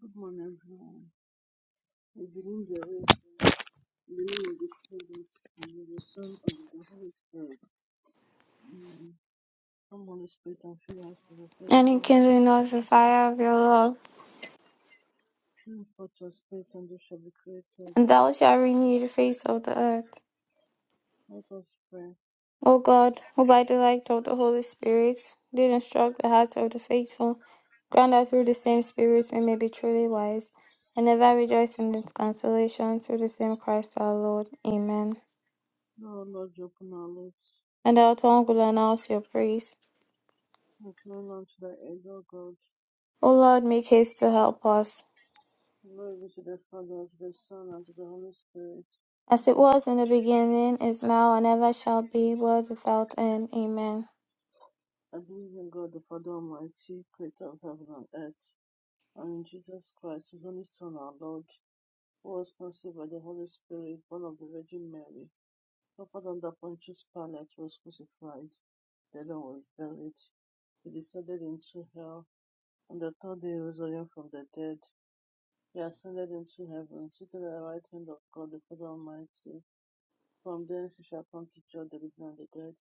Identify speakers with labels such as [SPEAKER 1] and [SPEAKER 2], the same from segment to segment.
[SPEAKER 1] Good morning, everyone. We believe the way in the name of the Father and of the Son and of the Holy Spirit. Amen. Come, Holy Spirit, and fill us with the
[SPEAKER 2] and it
[SPEAKER 1] faithful.
[SPEAKER 2] can the fire of your love.
[SPEAKER 1] Fill forth your spirit, and we shall be created.
[SPEAKER 2] And thou shalt renew the face of the earth.
[SPEAKER 1] Let us pray.
[SPEAKER 2] O God, who by the light of the Holy Spirit did instruct the hearts of the faithful, grant that through the same Spirit we may be truly wise, and ever rejoice in this consolation through the same Christ our Lord. Amen.
[SPEAKER 1] Lord, Lord, you open our lips.
[SPEAKER 2] And our tongue will announce your praise.
[SPEAKER 1] Incline unto thy aid, O God.
[SPEAKER 2] O Lord, make haste to help us.
[SPEAKER 1] Glory be to the Father, and to the Son, and to the Holy Spirit.
[SPEAKER 2] As it was in the beginning, is now, and ever shall be, world without end. Amen.
[SPEAKER 1] I believe in God, the Father Almighty, creator of heaven and earth, and in Jesus Christ, his only Son, our Lord was conceived by the Holy Spirit, born of the Virgin Mary, suffered under Pontius Pilate, was crucified, dead and was buried. He descended into hell, and the third day he rose again from the dead. He ascended into heaven, seated at the right hand of God the Father Almighty. From thence he shall come to judge the living and the dead.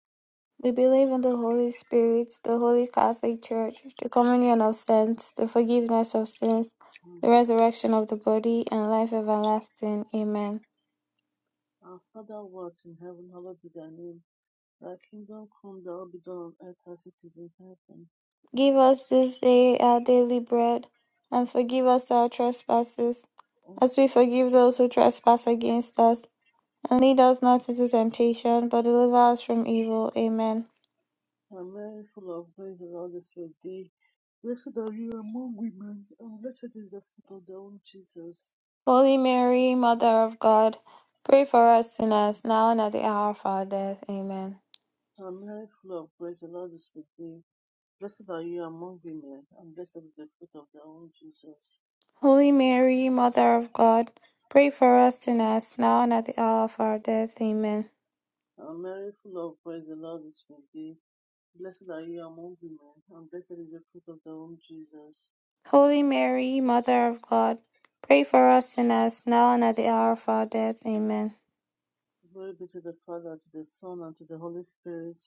[SPEAKER 2] We believe in the Holy Spirit, the Holy Catholic Church, the communion of saints, the forgiveness of sins,
[SPEAKER 1] Mm.
[SPEAKER 2] the resurrection of the body, and life everlasting. Amen.
[SPEAKER 1] Our Father who art in heaven, hallowed be thy name. Thy kingdom come, thy will be done on earth as it is in heaven.
[SPEAKER 2] Give us this day our daily bread, and forgive us our trespasses,
[SPEAKER 1] O
[SPEAKER 2] as we forgive those who trespass against us. And lead us not into temptation, but deliver us from evil. Amen.
[SPEAKER 1] And Mary, full of grace, the Lord is with thee. Blessed are you among women, and blessed is the fruit of thy womb, Jesus.
[SPEAKER 2] Holy Mary, Mother of God, pray for us sinners, now and at the hour of our death. Amen.
[SPEAKER 1] And Mary, full of grace, the Lord is with thee. Blessed are you among women, and blessed is the fruit of thy womb, Jesus.
[SPEAKER 2] Holy Mary, Mother of God, pray for us sinners, now and at the hour of our death. Amen.
[SPEAKER 1] And Mary, full of grace, the Lord is with thee. Blessed are you among women, and blessed is the fruit of thy womb, Jesus.
[SPEAKER 2] Holy Mary, Mother of God, pray for us sinners, now and at the hour of our death. Amen.
[SPEAKER 1] Glory be to the Father, to the Son, and to the Holy Spirit.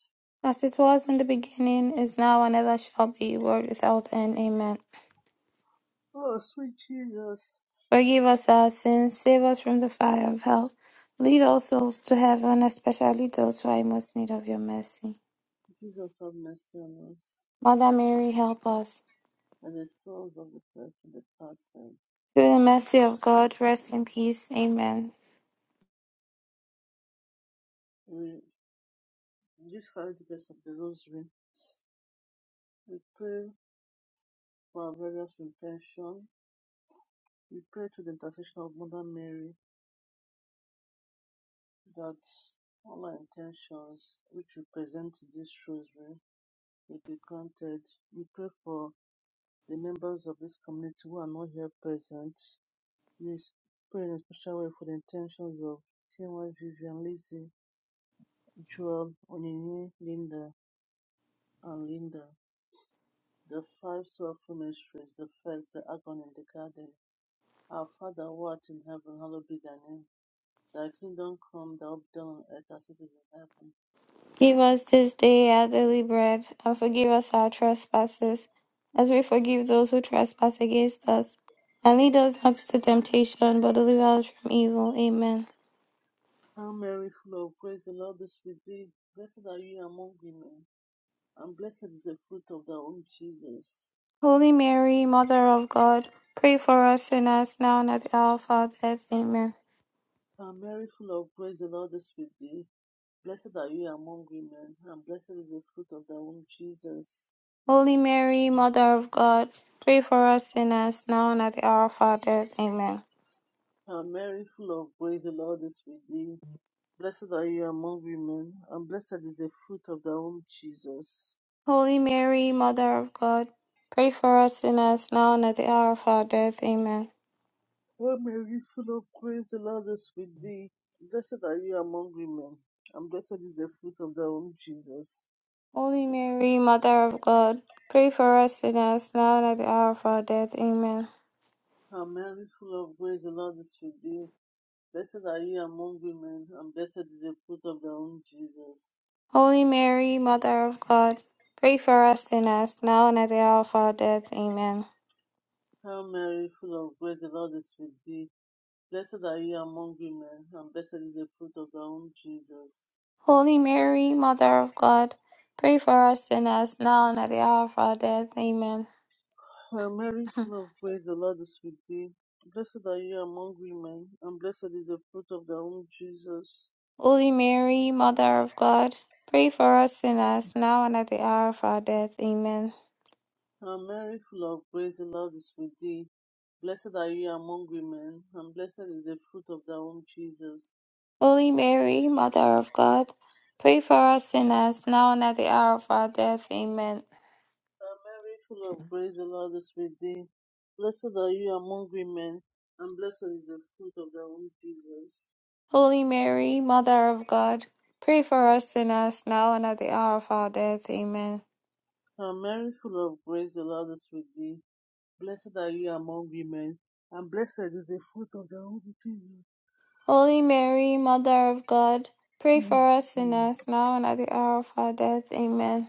[SPEAKER 2] As it was in the beginning, is now, and ever shall be, world without end. Amen.
[SPEAKER 1] Oh, sweet Jesus.
[SPEAKER 2] Forgive us our sins, save us from the fire of hell. Lead all souls to heaven, especially those who are in most need of your mercy.
[SPEAKER 1] Jesus, have mercy on us.
[SPEAKER 2] Mother Mary, help us.
[SPEAKER 1] and the souls of the faithful departed.
[SPEAKER 2] Through the mercy of God, rest in peace. Amen.
[SPEAKER 1] We this holy grace of the Rosary, we pray for our various intentions. We pray to the intercession of Mother Mary that all our intentions which we present to this Rosary may be granted. We pray for the members of this community who are not here present. We pray in a special way for the intentions of Chinua Vivian, Lizzie, Joel, Onyinye, Linda, and Linda. The five sorrowful mysteries, the first, the agony in the garden. Our Father who art in heaven, hallowed be thy name. Thy kingdom come, thy will be done on earth as it is in heaven.
[SPEAKER 2] Give us this day our daily bread, and forgive us our trespasses, as we forgive those who trespass against us. And lead us not into temptation, but deliver us from evil. Amen.
[SPEAKER 1] Hail Mary, full of grace, the Lord is with thee. Blessed are you among women, and blessed is the fruit of thy womb, Jesus.
[SPEAKER 2] Holy Mary, Mother of God, pray for us sinners now and at the hour of our death. Amen.
[SPEAKER 1] Hail Mary, full of grace, the Lord is with thee. Blessed are you among women, and blessed is the fruit of thy womb, Jesus.
[SPEAKER 2] Holy Mary, Mother of God, pray for us sinners now and at the hour of our death. Amen.
[SPEAKER 1] Hail Mary, full of grace, the Lord is with thee. Blessed are you among women, and blessed is the fruit of thy womb, Jesus.
[SPEAKER 2] Holy Mary, Mother of God, pray for us sinners now and at the hour of our death. Amen.
[SPEAKER 1] O Mary, full of grace, the Lord is with thee. Blessed are you among women, and blessed is the fruit of thy womb, Jesus.
[SPEAKER 2] Holy Mary, Mother of God, pray for us sinners now and at the hour of our death. Amen.
[SPEAKER 1] O Mary, full of grace, the Lord is with thee. Blessed are you among women, and blessed is the fruit of thy womb, Jesus.
[SPEAKER 2] Holy Mary, Mother of God, pray for us sinners now and at the hour of our death. Amen.
[SPEAKER 1] Hail Mary, full of grace, the Lord is with thee. Blessed are you among women, and blessed is the fruit of thy womb, Jesus.
[SPEAKER 2] Holy Mary, Mother of God, pray for us sinners now and at the hour of our death. Amen.
[SPEAKER 1] Hail Mary, full of grace, the Lord is with thee. Blessed are you among women, and blessed is the fruit of thy womb, Jesus.
[SPEAKER 2] Holy Mary, Mother of God, pray for us sinners now and at the hour of our death. Amen.
[SPEAKER 1] Hail Mary, full of grace, the Lord is with thee. Blessed are you among women, and blessed is the fruit of thy womb, Jesus.
[SPEAKER 2] Holy Mary, Mother of God, pray for us sinners now and at the hour of our death. Amen.
[SPEAKER 1] Hail Mary, full of grace, the Lord is with thee. Blessed are you among women, and blessed is the fruit of thy womb, Jesus.
[SPEAKER 2] Holy Mary, Mother of God, pray for us sinners now and at the hour of our death. Amen.
[SPEAKER 1] Hail Mary, full of grace, the Lord is with thee. Blessed are you among women, and blessed is the fruit of thy womb, Jesus.
[SPEAKER 2] Holy Mary, Mother of God, pray
[SPEAKER 1] Mm.
[SPEAKER 2] for us sinners now and at the hour of our death. Amen.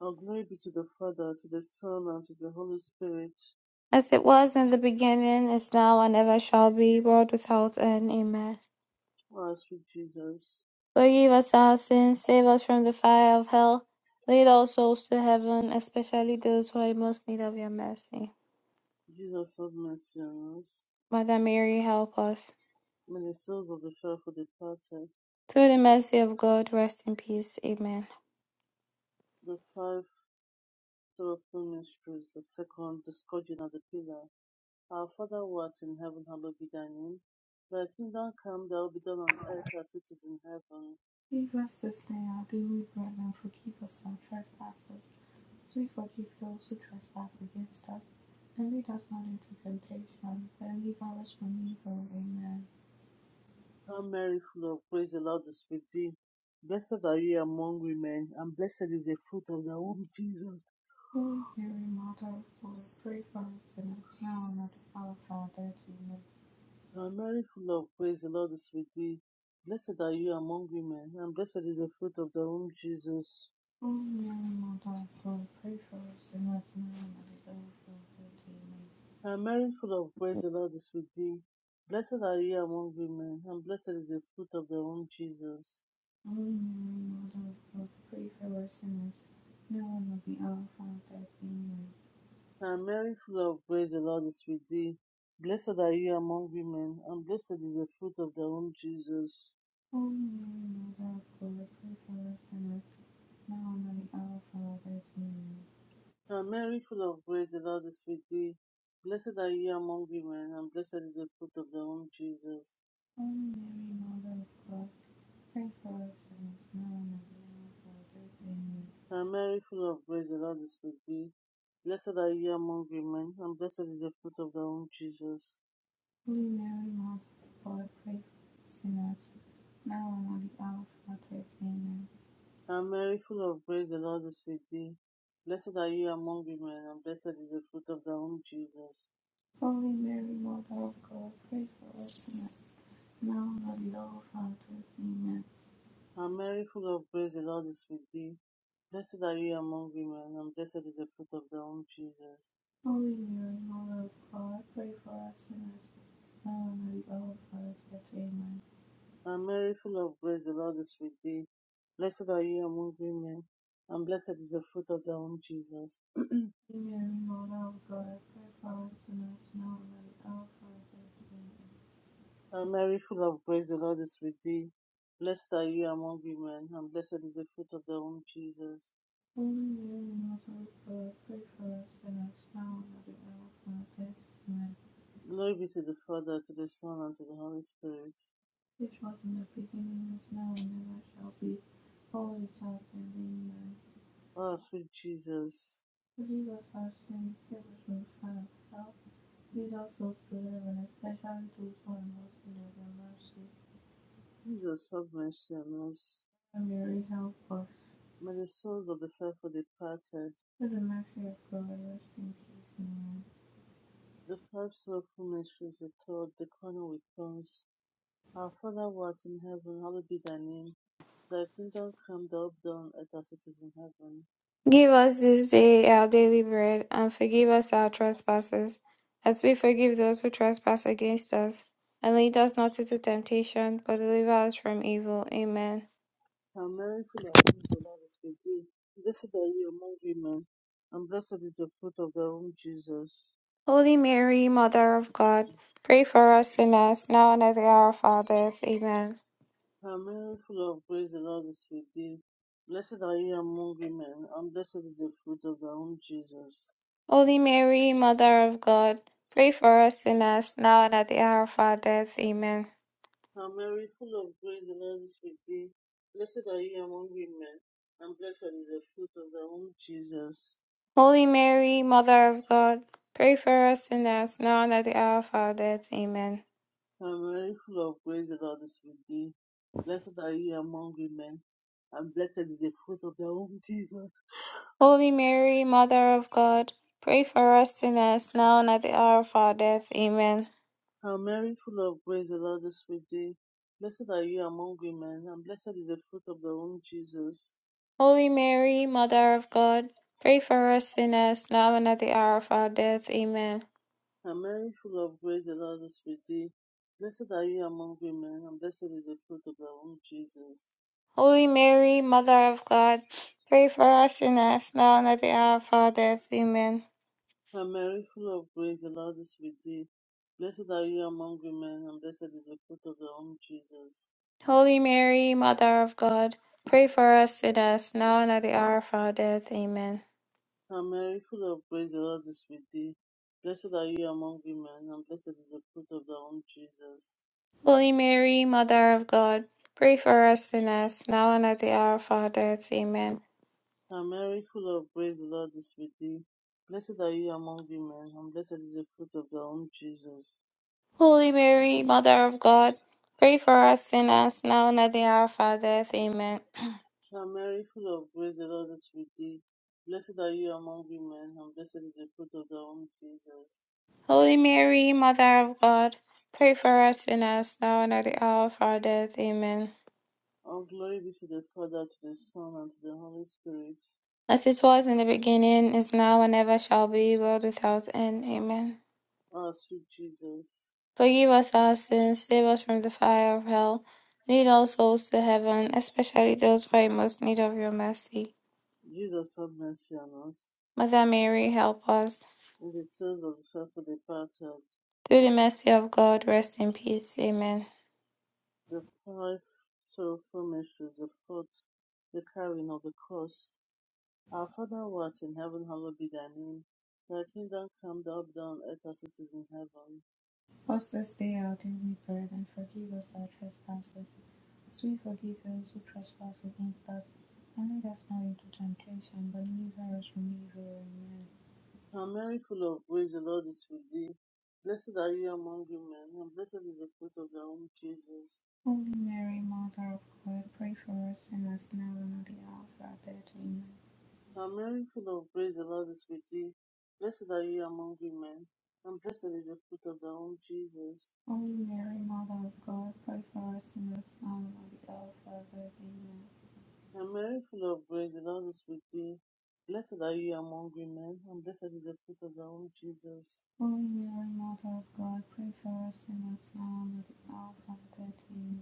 [SPEAKER 1] Oh, glory be to the Father, to the Son, and to the Holy Spirit,
[SPEAKER 2] As it was in the beginning, is now, and ever shall be, world without end. Amen.
[SPEAKER 1] who has with Jesus.
[SPEAKER 2] Forgive us our sins, save us from the fire of hell, lead all souls to heaven, especially those who are in most need of your mercy.
[SPEAKER 1] Jesus of mercy on us.
[SPEAKER 2] Mother Mary, help us.
[SPEAKER 1] May the souls of the faithful departed,
[SPEAKER 2] Through the mercy of God, rest in peace. Amen.
[SPEAKER 1] the five sorrowful mysteries, the second, the scourging of the pillar. Our Father who art in heaven, hallowed be thy name. Thy kingdom come, thy will be done on earth as it is in heaven.
[SPEAKER 3] Give us this day our daily bread, and forgive us our trespasses, as we forgive those who trespass against us. And lead us not into temptation, but deliver us from evil. Amen.
[SPEAKER 1] Hail Mary, full of grace, the Lord is with thee. Blessed are you among women, and blessed is the fruit of thy womb, Jesus.
[SPEAKER 3] Holy Mary, Mother of God, pray for us sinners, now and at the hour of our death. Amen.
[SPEAKER 1] You are Mary, full of grace, the Lord is with thee. Blessed are you among women, and blessed is the fruit of thy womb, Jesus.
[SPEAKER 3] Holy Mary, Mother of God, pray for us sinners, now and at the hour of our death. Amen.
[SPEAKER 1] You are Mary, full of grace, the Lord is with thee. Blessed are you among women, and blessed is the fruit of thy womb, Jesus.
[SPEAKER 3] Holy Mary, Mother of God, pray for us sinners, now and at the hour of our death. Amen.
[SPEAKER 1] You are Mary, full of grace, the Lord is with thee. Blessed are you among women, and blessed is the fruit of thy womb, Jesus.
[SPEAKER 3] Holy Mary, Mother of God, pray for us sinners, now and at the hour of our death. Amen.
[SPEAKER 1] You are Mary, full of grace, the Lord is with thee. Blessed are you among women, and blessed is the fruit of thy womb, Jesus.
[SPEAKER 3] Holy Mary, Mother of God, pray for us sinners, now and at the hour of our death. Amen.
[SPEAKER 1] And Mary, full of grace, the Lord is with thee. Blessed are you among women, and blessed is the fruit of thy womb, Jesus.
[SPEAKER 3] Holy Mary, Mother of God, pray for us sinners, now and at the hour of our death. Amen.
[SPEAKER 1] And Mary, full of grace, the Lord is with thee. Blessed are you among women, and blessed is the fruit of thy womb, Jesus.
[SPEAKER 3] Holy Mary, Mother of God, pray for us sinners, now and at the hour of our death. Amen.
[SPEAKER 1] And Mary, full of grace, the Lord is with thee. Blessed are you among women, and blessed is the fruit of thy womb, Jesus.
[SPEAKER 3] Holy Mary, Mother of God, pray for us sinners, now and at the hour of our death. Amen.
[SPEAKER 1] And Mary, full of grace, the Lord is with thee. Blessed are you among women, and blessed is the fruit of thy womb, Jesus.
[SPEAKER 3] Hail Mary, Mother of God, pray for us sinners now and at the hour of our death. Amen.
[SPEAKER 1] Uh, Mary, full of grace, the Lord is with thee. Blessed are you among women, and blessed is the fruit of thy womb, Jesus.
[SPEAKER 3] Holy Mary, Mother of God, pray for us sinners now and at the hour of our death. Amen.
[SPEAKER 1] Glory be to the Father, to the Son, and to the Holy Spirit.
[SPEAKER 3] Which was in the beginning, is now, and ever shall be, always has and amen.
[SPEAKER 1] Oh, sweet Jesus,
[SPEAKER 3] Forgive us our sins, save us from fire. Help lead us souls to heaven, especially those who are most in need of mercy.
[SPEAKER 1] Jesus, have mercy on us.
[SPEAKER 3] And Mary, help us.
[SPEAKER 1] May the souls of the faithful departed,
[SPEAKER 3] Through the mercy of God, rest in peace. Amen.
[SPEAKER 1] the five soulful mysteries told, the corner with tongues. Our Father who art in heaven, hallowed be thy name. Thy kingdom come, thy will be done, on earth as it is in heaven.
[SPEAKER 2] Give us this day our daily bread, and forgive us our trespasses, as we forgive those who trespass against us. And lead us not into temptation, but deliver us from evil. Amen.
[SPEAKER 1] Hail Mary, full of grace, the Lord is with thee. Blessed are you among women, and blessed is the fruit of thy womb, Jesus.
[SPEAKER 2] Holy Mary, Mother of God, pray for us sinners, now and at the hour of our death. Amen.
[SPEAKER 1] Hail Mary, full of grace, the Lord is with thee. Blessed are you among women, and blessed is the fruit of thy womb, Jesus.
[SPEAKER 2] Holy Mary, Mother of God, pray for us sinners, now and at the hour of our death. Amen.
[SPEAKER 1] Hail Mary, full of grace, the Lord is with thee. Blessed are you among women, and blessed is the fruit of thy womb, Jesus.
[SPEAKER 2] Holy Mary, Mother of God, pray for us sinners, now and at the hour of our death. Amen.
[SPEAKER 1] Hail Mary, full of grace, the Lord is with thee. Blessed are you among women, and blessed is the fruit of thy womb, Jesus.
[SPEAKER 2] Holy Mary, Mother of God, pray for us sinners now and at the hour of our death. Amen.
[SPEAKER 1] Hail Mary, full of grace, the Lord is with thee. Blessed are you among women, and blessed is the fruit of the womb, Jesus.
[SPEAKER 2] Holy Mary, Mother of God, pray for us sinners now and at the hour of our death. Amen.
[SPEAKER 1] Hail Mary, full of grace, the Lord is with thee. Blessed are you among women, and blessed is the fruit of the womb, Jesus.
[SPEAKER 2] Holy Mary, Mother of God, pray for us sinners now and at the hour of our death. Amen.
[SPEAKER 1] Hail Mary, full of grace, the Lord is with thee. Blessed are you among women, and blessed is the fruit of the womb, Jesus.
[SPEAKER 2] Holy Mary, Mother of God, pray for us sinners now and at the hour of our death. Amen.
[SPEAKER 1] Hail Mary, full of grace, the Lord is with thee. Blessed are you among women, and blessed is the fruit of the womb, Jesus.
[SPEAKER 2] Holy Mary, Mother of God, pray for us sinners now and at the hour of our death. Amen.
[SPEAKER 1] And Mary, full of grace, the Lord is with thee. Blessed are you among women, and blessed is the fruit of thy womb, Jesus.
[SPEAKER 2] Holy Mary, Mother of God, pray for us sinners now and at the hour of our death. Amen.
[SPEAKER 1] And Mary, full of grace, the Lord is with thee. Blessed are you among women, and blessed is the fruit of thy womb, Jesus.
[SPEAKER 2] Holy Mary, Mother of God, pray for us sinners now and at the hour of our death. Amen.
[SPEAKER 1] All glory be to the Father, to the Son, and to the Holy Spirit.
[SPEAKER 2] As it was in the beginning, is now, and ever shall be, world without end. Amen.
[SPEAKER 1] Ah, sweet Jesus.
[SPEAKER 2] Forgive us our sins, save us from the fire of hell. Lead all souls to heaven, especially those who are in most need of your mercy.
[SPEAKER 1] Jesus, have mercy on us.
[SPEAKER 2] Mother Mary, help us.
[SPEAKER 1] In the souls of the faithful departed,
[SPEAKER 2] Through the mercy of God, rest in peace. Amen.
[SPEAKER 1] the five sorrowful mysteries, the fourth, the carrying of the cross. Our Father who art in heaven, hallowed be thy name. Thy kingdom come, thy will be done on earth as it is in heaven.
[SPEAKER 3] Cast us not out any burden, and forgive us our trespasses, as we forgive those who trespass against us. And lead us not into temptation, but deliver us from evil. Amen.
[SPEAKER 1] Hail Mary, full of grace, the Lord is with thee. Blessed are you among women, and blessed is the fruit of thy womb, Jesus.
[SPEAKER 3] Holy Mary, Mother of God, pray for us sinners now and at the hour of our death. Amen.
[SPEAKER 1] Hail Mary, full of grace, the Lord is with thee. Blessed are you among women, and blessed is the fruit of thy womb, Jesus.
[SPEAKER 3] Holy Mary, Mother of God, pray for us sinners now and at the hour of our death. Amen.
[SPEAKER 1] Hail Mary, full of grace, the Lord is with thee. Blessed are you among women, and blessed is the fruit of thy womb, Jesus.
[SPEAKER 3] Holy Mary, Mother of God, pray for us sinners now and at the hour of our death. Amen.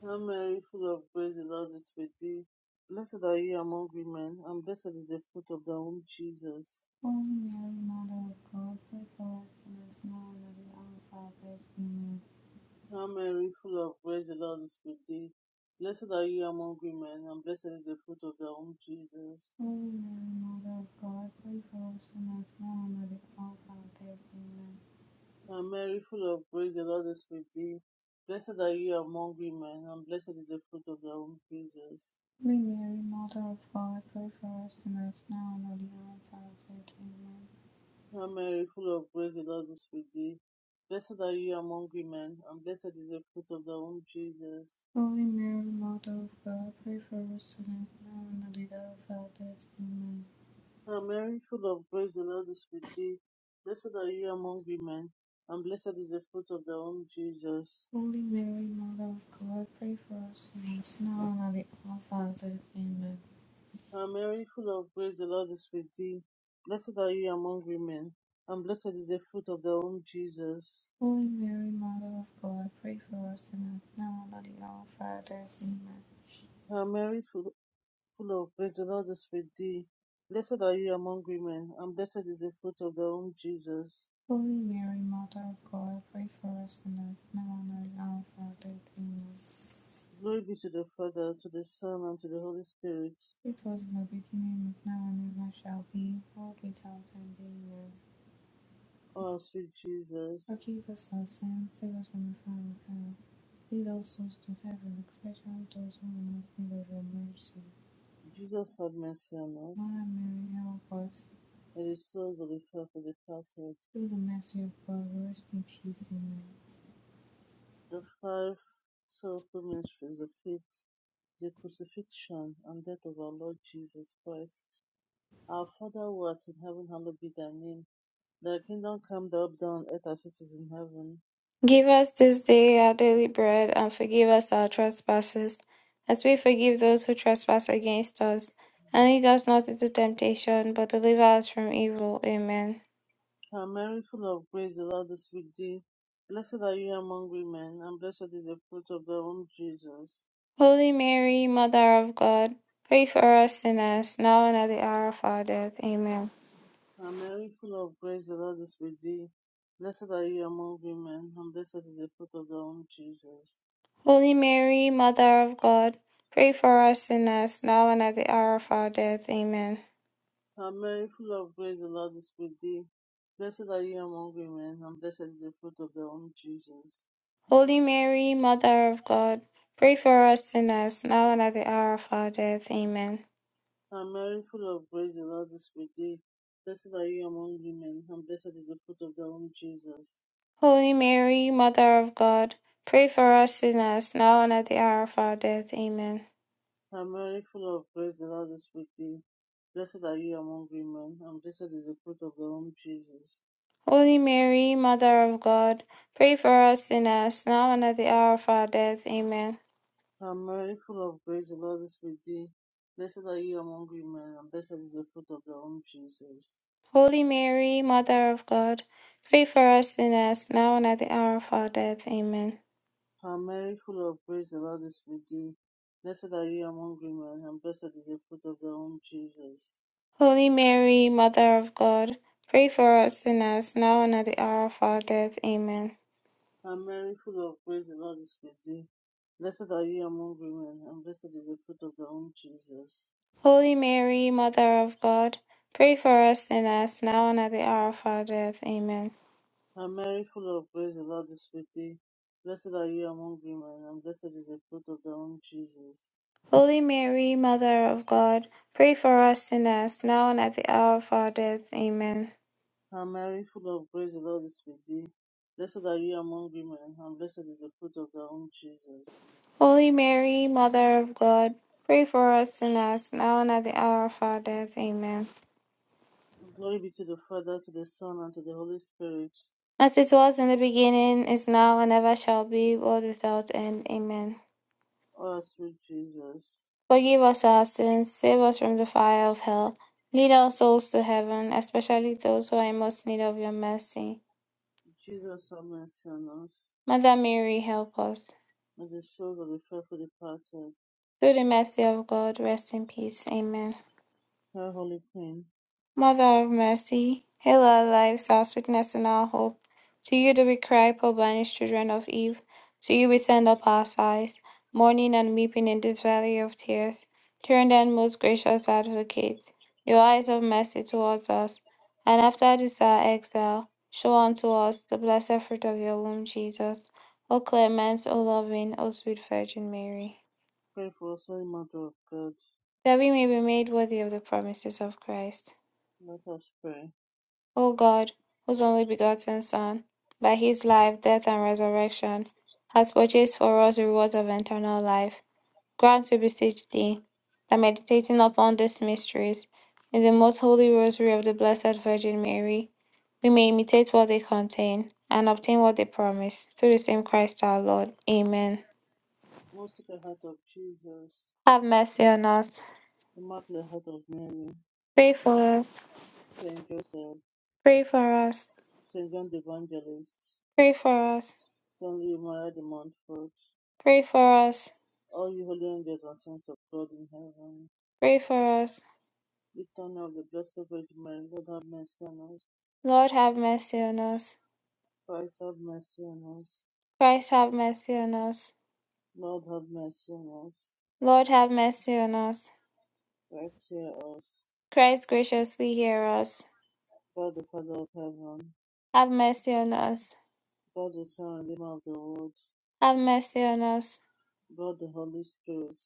[SPEAKER 1] Hail Mary, full of grace, the Lord is with thee. Blessed are you among women, and blessed is the fruit of thy womb, Jesus.
[SPEAKER 3] Holy Mary, Mother of God, pray for us sinners now and at the hour of our death. Amen.
[SPEAKER 1] Hail Mary, full of grace, the Lord is with thee. Blessed are you among women, and blessed is the fruit of thy womb, Jesus.
[SPEAKER 3] Holy Mary, Mother of God, pray for us sinners now and at the hour of our death. Amen.
[SPEAKER 1] Hail Mary, full of grace, the Lord is with thee. Blessed are you among women, and blessed is the fruit of thy womb, Jesus.
[SPEAKER 3] Holy Mary, Mother of God, pray for us sinners now and at the hour of our death. Amen.
[SPEAKER 1] Hail Mary, full of grace, the Lord is with thee. Blessed are you among women, and blessed is the fruit of thy womb, Jesus.
[SPEAKER 3] Holy Mary, Mother of God, pray for us sinners now and at the hour of our death. Amen.
[SPEAKER 1] Hail Mary, full of grace, the Lord is with thee. Blessed are you among women, and blessed is the fruit of thy womb, Jesus.
[SPEAKER 3] Holy Mary, Mother of God, pray for us sinners now and at the hour of our death. Amen.
[SPEAKER 1] Hail Mary, full of grace, the Lord is with thee. Blessed are you among women, and blessed is the fruit of thy womb, Jesus.
[SPEAKER 3] Holy Mary, Mother of God, pray for us sinners now and at the hour of our death. Amen.
[SPEAKER 1] Hail Mary, full, full of grace, the Lord is with thee. Blessed are you among women, and blessed is the fruit of thy womb, Jesus.
[SPEAKER 3] Holy Mary, Mother of God, pray for us sinners now and at the hour of our death. Amen.
[SPEAKER 1] Glory be to the Father, to the Son, and to the Holy Spirit.
[SPEAKER 3] It was in the beginning, is now, and ever shall be, world without end. Amen.
[SPEAKER 1] Oh, sweet Jesus.
[SPEAKER 3] Forgive us our sins, save us from the fire of hell. Lead all souls to heaven, especially those who are most in need of your mercy.
[SPEAKER 1] Jesus, have mercy on us.
[SPEAKER 3] Mother Mary, help us.
[SPEAKER 1] and the souls of the faithful for departed.
[SPEAKER 3] Through the mercy of God, rest in peace. Amen.
[SPEAKER 1] The five sorrowful mysteries, the fifth, the crucifixion and death of our Lord Jesus Christ. Our Father who art in heaven, hallowed be thy name. Thy kingdom come, thy will be done on earth as it is in heaven.
[SPEAKER 2] Give us this day our daily bread, and forgive us our trespasses, as we forgive those who trespass against us. And lead us not into temptation, but deliver us from evil. Amen.
[SPEAKER 1] Hail Mary, full of grace, the Lord is with thee. Blessed are you among women, and blessed is the fruit of thy womb, Jesus.
[SPEAKER 2] Holy Mary, Mother of God, pray for us sinners, now and at the hour of our death. Amen.
[SPEAKER 1] Hail Mary, full of grace, the Lord is with thee. Blessed are you among women, and blessed is the fruit of thy womb, Jesus.
[SPEAKER 2] Holy Mary, Mother of God, pray for us sinners, now and at the hour of our death. Amen.
[SPEAKER 1] Hail Mary, full of grace, the Lord is with thee. Blessed are you among women, and blessed is the fruit of thy womb, Jesus.
[SPEAKER 2] Holy Mary, Mother of God, pray for us sinners, now and at the hour of our death. Amen.
[SPEAKER 1] Hail Mary, full of grace, the Lord is with thee. Blessed are you among women, and blessed is the fruit of thy womb, Jesus.
[SPEAKER 2] Holy Mary, Mother of God, pray for us sinners, now and at the hour of our death. Amen.
[SPEAKER 1] Hail Mary, full of grace, the Lord is with thee. Blessed are you among women, and blessed is the fruit of thy womb, Jesus.
[SPEAKER 2] Holy Mary, Mother of God, pray for us sinners, now and at the hour of our death. Amen.
[SPEAKER 1] Hail Mary, full of grace, the Lord is with thee. Blessed are you among women, and blessed is the fruit of thy womb, Jesus.
[SPEAKER 2] Holy Mary, Mother of God, pray for us sinners, now and at the hour of our death. Amen.
[SPEAKER 1] Hail Mary, full of grace, the Lord is with thee. Blessed are you among women, and blessed is the fruit of thy womb, Jesus.
[SPEAKER 2] Holy Mary, Mother of God, pray for us sinners, now and at the hour of our death. Amen.
[SPEAKER 1] Hail Mary, full of grace, the Lord is with thee. Blessed are you among women, and blessed is the fruit of thy womb, Jesus.
[SPEAKER 2] Holy Mary, Mother of God, pray for us sinners, now and at the hour of our death. Amen.
[SPEAKER 1] Hail Mary, full of grace, the Lord is with thee. Blessed are you among women, and blessed is the fruit of thy womb, Jesus.
[SPEAKER 2] Holy Mary, Mother of God, pray for us sinners, now and at the hour of our death. Amen.
[SPEAKER 1] Hail Mary, full of grace, the Lord is with thee. Blessed are you among women, and blessed is the fruit of thy womb, Jesus.
[SPEAKER 2] Holy Mary, Mother of God, pray for us sinners, now and at the hour of our death. Amen.
[SPEAKER 1] Glory be to the Father, to the Son, and to the Holy Spirit
[SPEAKER 2] As it was in the beginning, is now, and ever shall be, world without end. Amen.
[SPEAKER 1] Oh, sweet Jesus,
[SPEAKER 2] Forgive us our sins, save us from the fire of hell. Lead our souls to heaven, especially those who are in most need of your mercy.
[SPEAKER 1] Jesus, have mercy on us,
[SPEAKER 2] Mother Mary, help us.
[SPEAKER 1] and the souls of the faithful departed.
[SPEAKER 2] Through the mercy of God, rest in peace. Amen.
[SPEAKER 1] Our Holy Queen,
[SPEAKER 2] Mother of mercy, hail our lives, our sweetness, and our hope. To you do we cry, poor banished children of Eve. To you we send up our sighs, mourning and weeping in this valley of tears. Turn then, most gracious advocate, your eyes of mercy towards us, and after this our exile, show unto us the blessed fruit of your womb, Jesus. O clement, O loving, O sweet Virgin Mary,
[SPEAKER 1] pray for us, Holy Mother of God.
[SPEAKER 2] that we may be made worthy of the promises of Christ.
[SPEAKER 1] Let us pray.
[SPEAKER 2] O God, whose only begotten Son, by his life, death, and resurrection, has purchased for us the rewards of eternal life, grant, we beseech thee, that meditating upon these mysteries in the most holy rosary of the Blessed Virgin Mary, we may imitate what they contain and obtain what they promise, through the same Christ our Lord. Amen.
[SPEAKER 1] Most Sacred Heart of Jesus,
[SPEAKER 2] Have mercy on us.
[SPEAKER 1] Immaculate Heart of Mary,
[SPEAKER 2] Pray for us.
[SPEAKER 1] Saint Joseph,
[SPEAKER 2] Pray for us.
[SPEAKER 1] Saint John the Evangelist,
[SPEAKER 2] Pray for us.
[SPEAKER 1] Saint Louis Maria de Montfort,
[SPEAKER 2] Pray for us.
[SPEAKER 1] all you holy angels and saints of God in heaven,
[SPEAKER 2] Pray for us.
[SPEAKER 1] Eternal of the Blessed Virgin Mary, Lord have mercy on us.
[SPEAKER 2] Lord, have mercy on us.
[SPEAKER 1] Christ have mercy on us.
[SPEAKER 2] Christ have mercy on us.
[SPEAKER 1] Lord have mercy on us.
[SPEAKER 2] Lord have mercy on us.
[SPEAKER 1] Let's hear us.
[SPEAKER 2] Christ graciously hear us.
[SPEAKER 1] God the Father of heaven,
[SPEAKER 2] Have mercy on us.
[SPEAKER 1] God the Son and Redeemer of the world,
[SPEAKER 2] Have mercy on us.
[SPEAKER 1] God the Holy Spirit,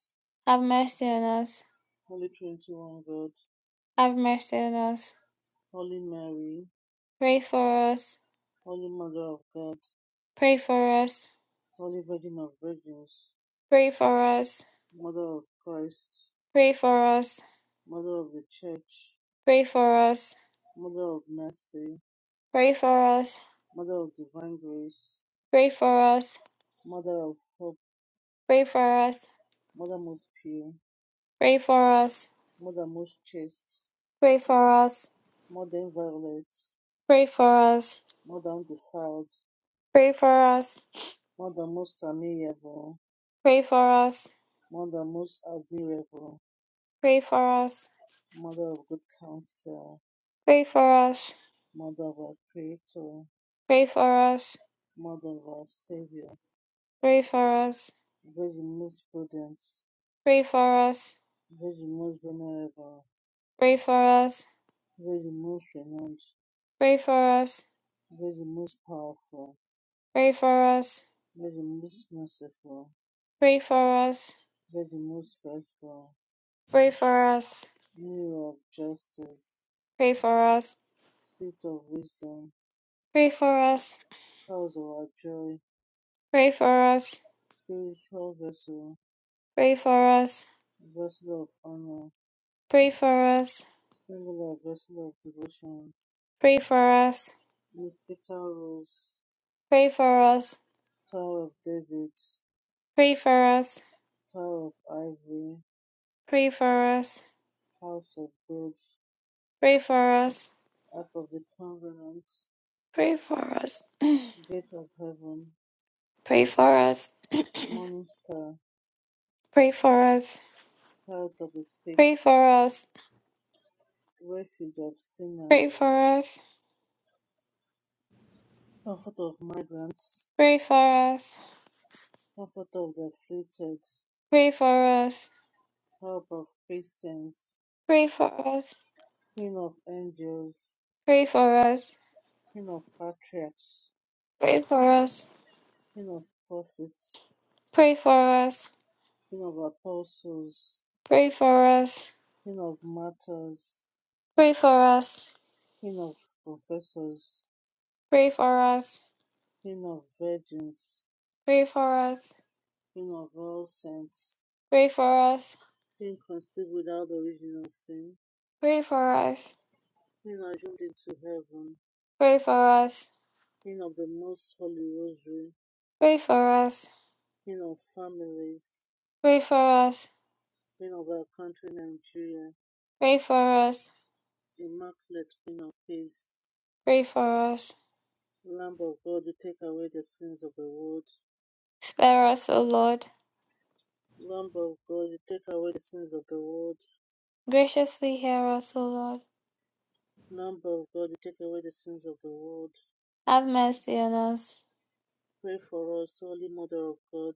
[SPEAKER 2] Have mercy on us.
[SPEAKER 1] Holy Trinity, one God,
[SPEAKER 2] Have mercy on us.
[SPEAKER 1] Holy Mary,
[SPEAKER 2] Pray for us.
[SPEAKER 1] Holy Mother of God,
[SPEAKER 2] Pray for us.
[SPEAKER 1] Holy Virgin of Virgins,
[SPEAKER 2] Pray for us.
[SPEAKER 1] Mother of Christ,
[SPEAKER 2] Pray for us.
[SPEAKER 1] Mother of the Church,
[SPEAKER 2] Pray for us.
[SPEAKER 1] Mother of Mercy,
[SPEAKER 2] Pray for us.
[SPEAKER 1] Mother of Divine Grace,
[SPEAKER 2] Pray for us.
[SPEAKER 1] Mother of Hope,
[SPEAKER 2] Pray for us.
[SPEAKER 1] Mother most pure,
[SPEAKER 2] Pray for us.
[SPEAKER 1] Mother most chaste,
[SPEAKER 2] Pray for us.
[SPEAKER 1] Mother inviolate,
[SPEAKER 2] Pray for us.
[SPEAKER 1] Mother undefiled,
[SPEAKER 2] Pray for us.
[SPEAKER 1] Mother most amiable,
[SPEAKER 2] Pray for us.
[SPEAKER 1] Mother most admirable,
[SPEAKER 2] Pray for us.
[SPEAKER 1] Mother of good counsel,
[SPEAKER 2] Pray for us.
[SPEAKER 1] Mother of our Creator,
[SPEAKER 2] Pray for us,
[SPEAKER 1] Mother of our Savior,
[SPEAKER 2] pray for us,
[SPEAKER 1] Virgin most prudent,
[SPEAKER 2] pray for us,
[SPEAKER 1] Virgin most venerable,
[SPEAKER 2] pray for us,
[SPEAKER 1] Virgin most renowned,
[SPEAKER 2] pray for us,
[SPEAKER 1] Virgin most powerful,
[SPEAKER 2] pray for us,
[SPEAKER 1] Virgin most merciful,
[SPEAKER 2] pray for us,
[SPEAKER 1] Virgin most faithful,
[SPEAKER 2] pray for us,
[SPEAKER 1] Mirror of justice,
[SPEAKER 2] pray for us,
[SPEAKER 1] Seat of wisdom,
[SPEAKER 2] pray for us,
[SPEAKER 1] Cause of our joy,
[SPEAKER 2] pray for us,
[SPEAKER 1] Spiritual vessel,
[SPEAKER 2] pray for us,
[SPEAKER 1] Vessel of honor,
[SPEAKER 2] pray for us,
[SPEAKER 1] Singular vessel of devotion,
[SPEAKER 2] pray for us, pray for us,
[SPEAKER 1] Mystical Rose,
[SPEAKER 2] pray for us, pray for us,
[SPEAKER 1] Tower of David,
[SPEAKER 2] pray for us,
[SPEAKER 1] Tower of Ivory,
[SPEAKER 2] pray for us,
[SPEAKER 1] House of God,
[SPEAKER 2] pray for us,
[SPEAKER 1] Ark of the Covenant,
[SPEAKER 2] pray for us,
[SPEAKER 1] Gate of Heaven,
[SPEAKER 2] pray for us,
[SPEAKER 1] Morning Star,
[SPEAKER 2] pray for us,
[SPEAKER 1] Health of the Sick,
[SPEAKER 2] pray
[SPEAKER 1] Refuge of Sinners, Comfort of Migrants,
[SPEAKER 2] for us,
[SPEAKER 1] Comfort of the Afflicted,
[SPEAKER 2] pray for us.
[SPEAKER 1] Help of Christians,
[SPEAKER 2] Pray for us.
[SPEAKER 1] Queen of Angels,
[SPEAKER 2] Pray for us.
[SPEAKER 1] Queen of Patriarchs,
[SPEAKER 2] Pray for us.
[SPEAKER 1] Queen of Prophets,
[SPEAKER 2] Pray for us.
[SPEAKER 1] Queen of Apostles,
[SPEAKER 2] Pray for us.
[SPEAKER 1] Queen of Martyrs,
[SPEAKER 2] Pray for us.
[SPEAKER 1] Queen of confessors,
[SPEAKER 2] Pray for us.
[SPEAKER 1] Queen of virgins,
[SPEAKER 2] Pray for us.
[SPEAKER 1] Queen of all saints,
[SPEAKER 2] Pray for us.
[SPEAKER 1] Queen conceived without original sin,
[SPEAKER 2] Pray for us.
[SPEAKER 1] Queen assumed into heaven,
[SPEAKER 2] Pray for us.
[SPEAKER 1] Queen of the most holy rosary,
[SPEAKER 2] Pray for us.
[SPEAKER 1] Queen of families,
[SPEAKER 2] Pray for us.
[SPEAKER 1] Queen of our country Nigeria,
[SPEAKER 2] Pray for us.
[SPEAKER 1] Immaculate Queen of peace,
[SPEAKER 2] Pray for us.
[SPEAKER 1] Lamb of God, you take away the sins of the world,
[SPEAKER 2] Spare us, O Lord.
[SPEAKER 1] Lamb of God, you take away the sins of the world,
[SPEAKER 2] Graciously hear us, O Lord.
[SPEAKER 1] Lamb of God, you take away the sins of the world.
[SPEAKER 2] Have mercy on us,
[SPEAKER 1] Pray for us, Holy Mother of God.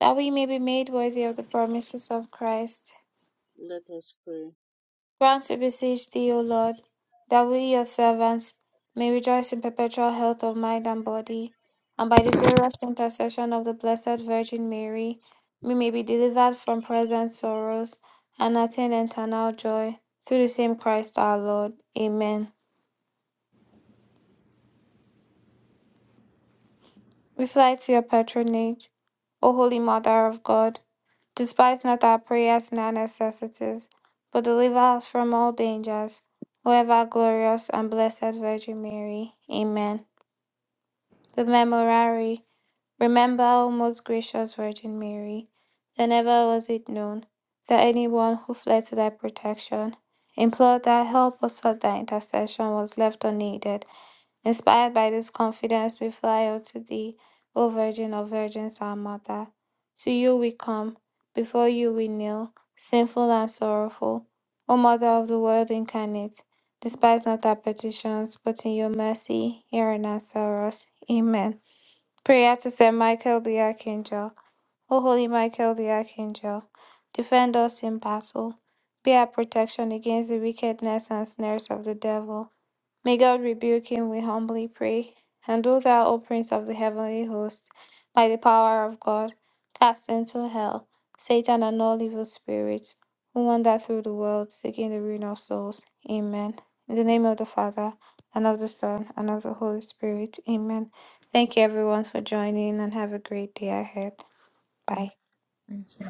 [SPEAKER 2] that we may be made worthy of the promises of Christ.
[SPEAKER 1] Let us pray.
[SPEAKER 2] Grant, we beseech thee, O Lord, that we, your servants, may rejoice in perpetual health of mind and body, and by the glorious intercession of the Blessed Virgin Mary, we may be delivered from present sorrows and attain eternal joy through the same Christ our Lord. Amen. We fly to your patronage, O Holy Mother of God. Despise not our prayers and our necessities, but deliver us from all dangers, O ever glorious and blessed Virgin Mary. Amen. The Memorare. Remember, O most gracious Virgin Mary, that never was it known that anyone who fled to thy protection, implored thy help, or sought thy intercession was left unaided. Inspired by this confidence, we fly up to thee, O Virgin of Virgins, our Mother. To you we come, before you we kneel, sinful and sorrowful. O Mother of the world incarnate, despise not our petitions, but in your mercy hear and answer us. Amen. Prayer to Saint Michael the Archangel. O Holy Michael the Archangel, defend us in battle. Be our protection against the wickedness and snares of the devil. May God rebuke him, we humbly pray. And do thou, O Prince of the heavenly host, by the power of God, cast into hell Satan and all evil spirits who wander through the world seeking the ruin of souls. Amen. In the name of the Father, and of the Son, and of the Holy Spirit. Amen. Thank you, everyone, for joining, and have a great day ahead. Bye.
[SPEAKER 3] Thank you.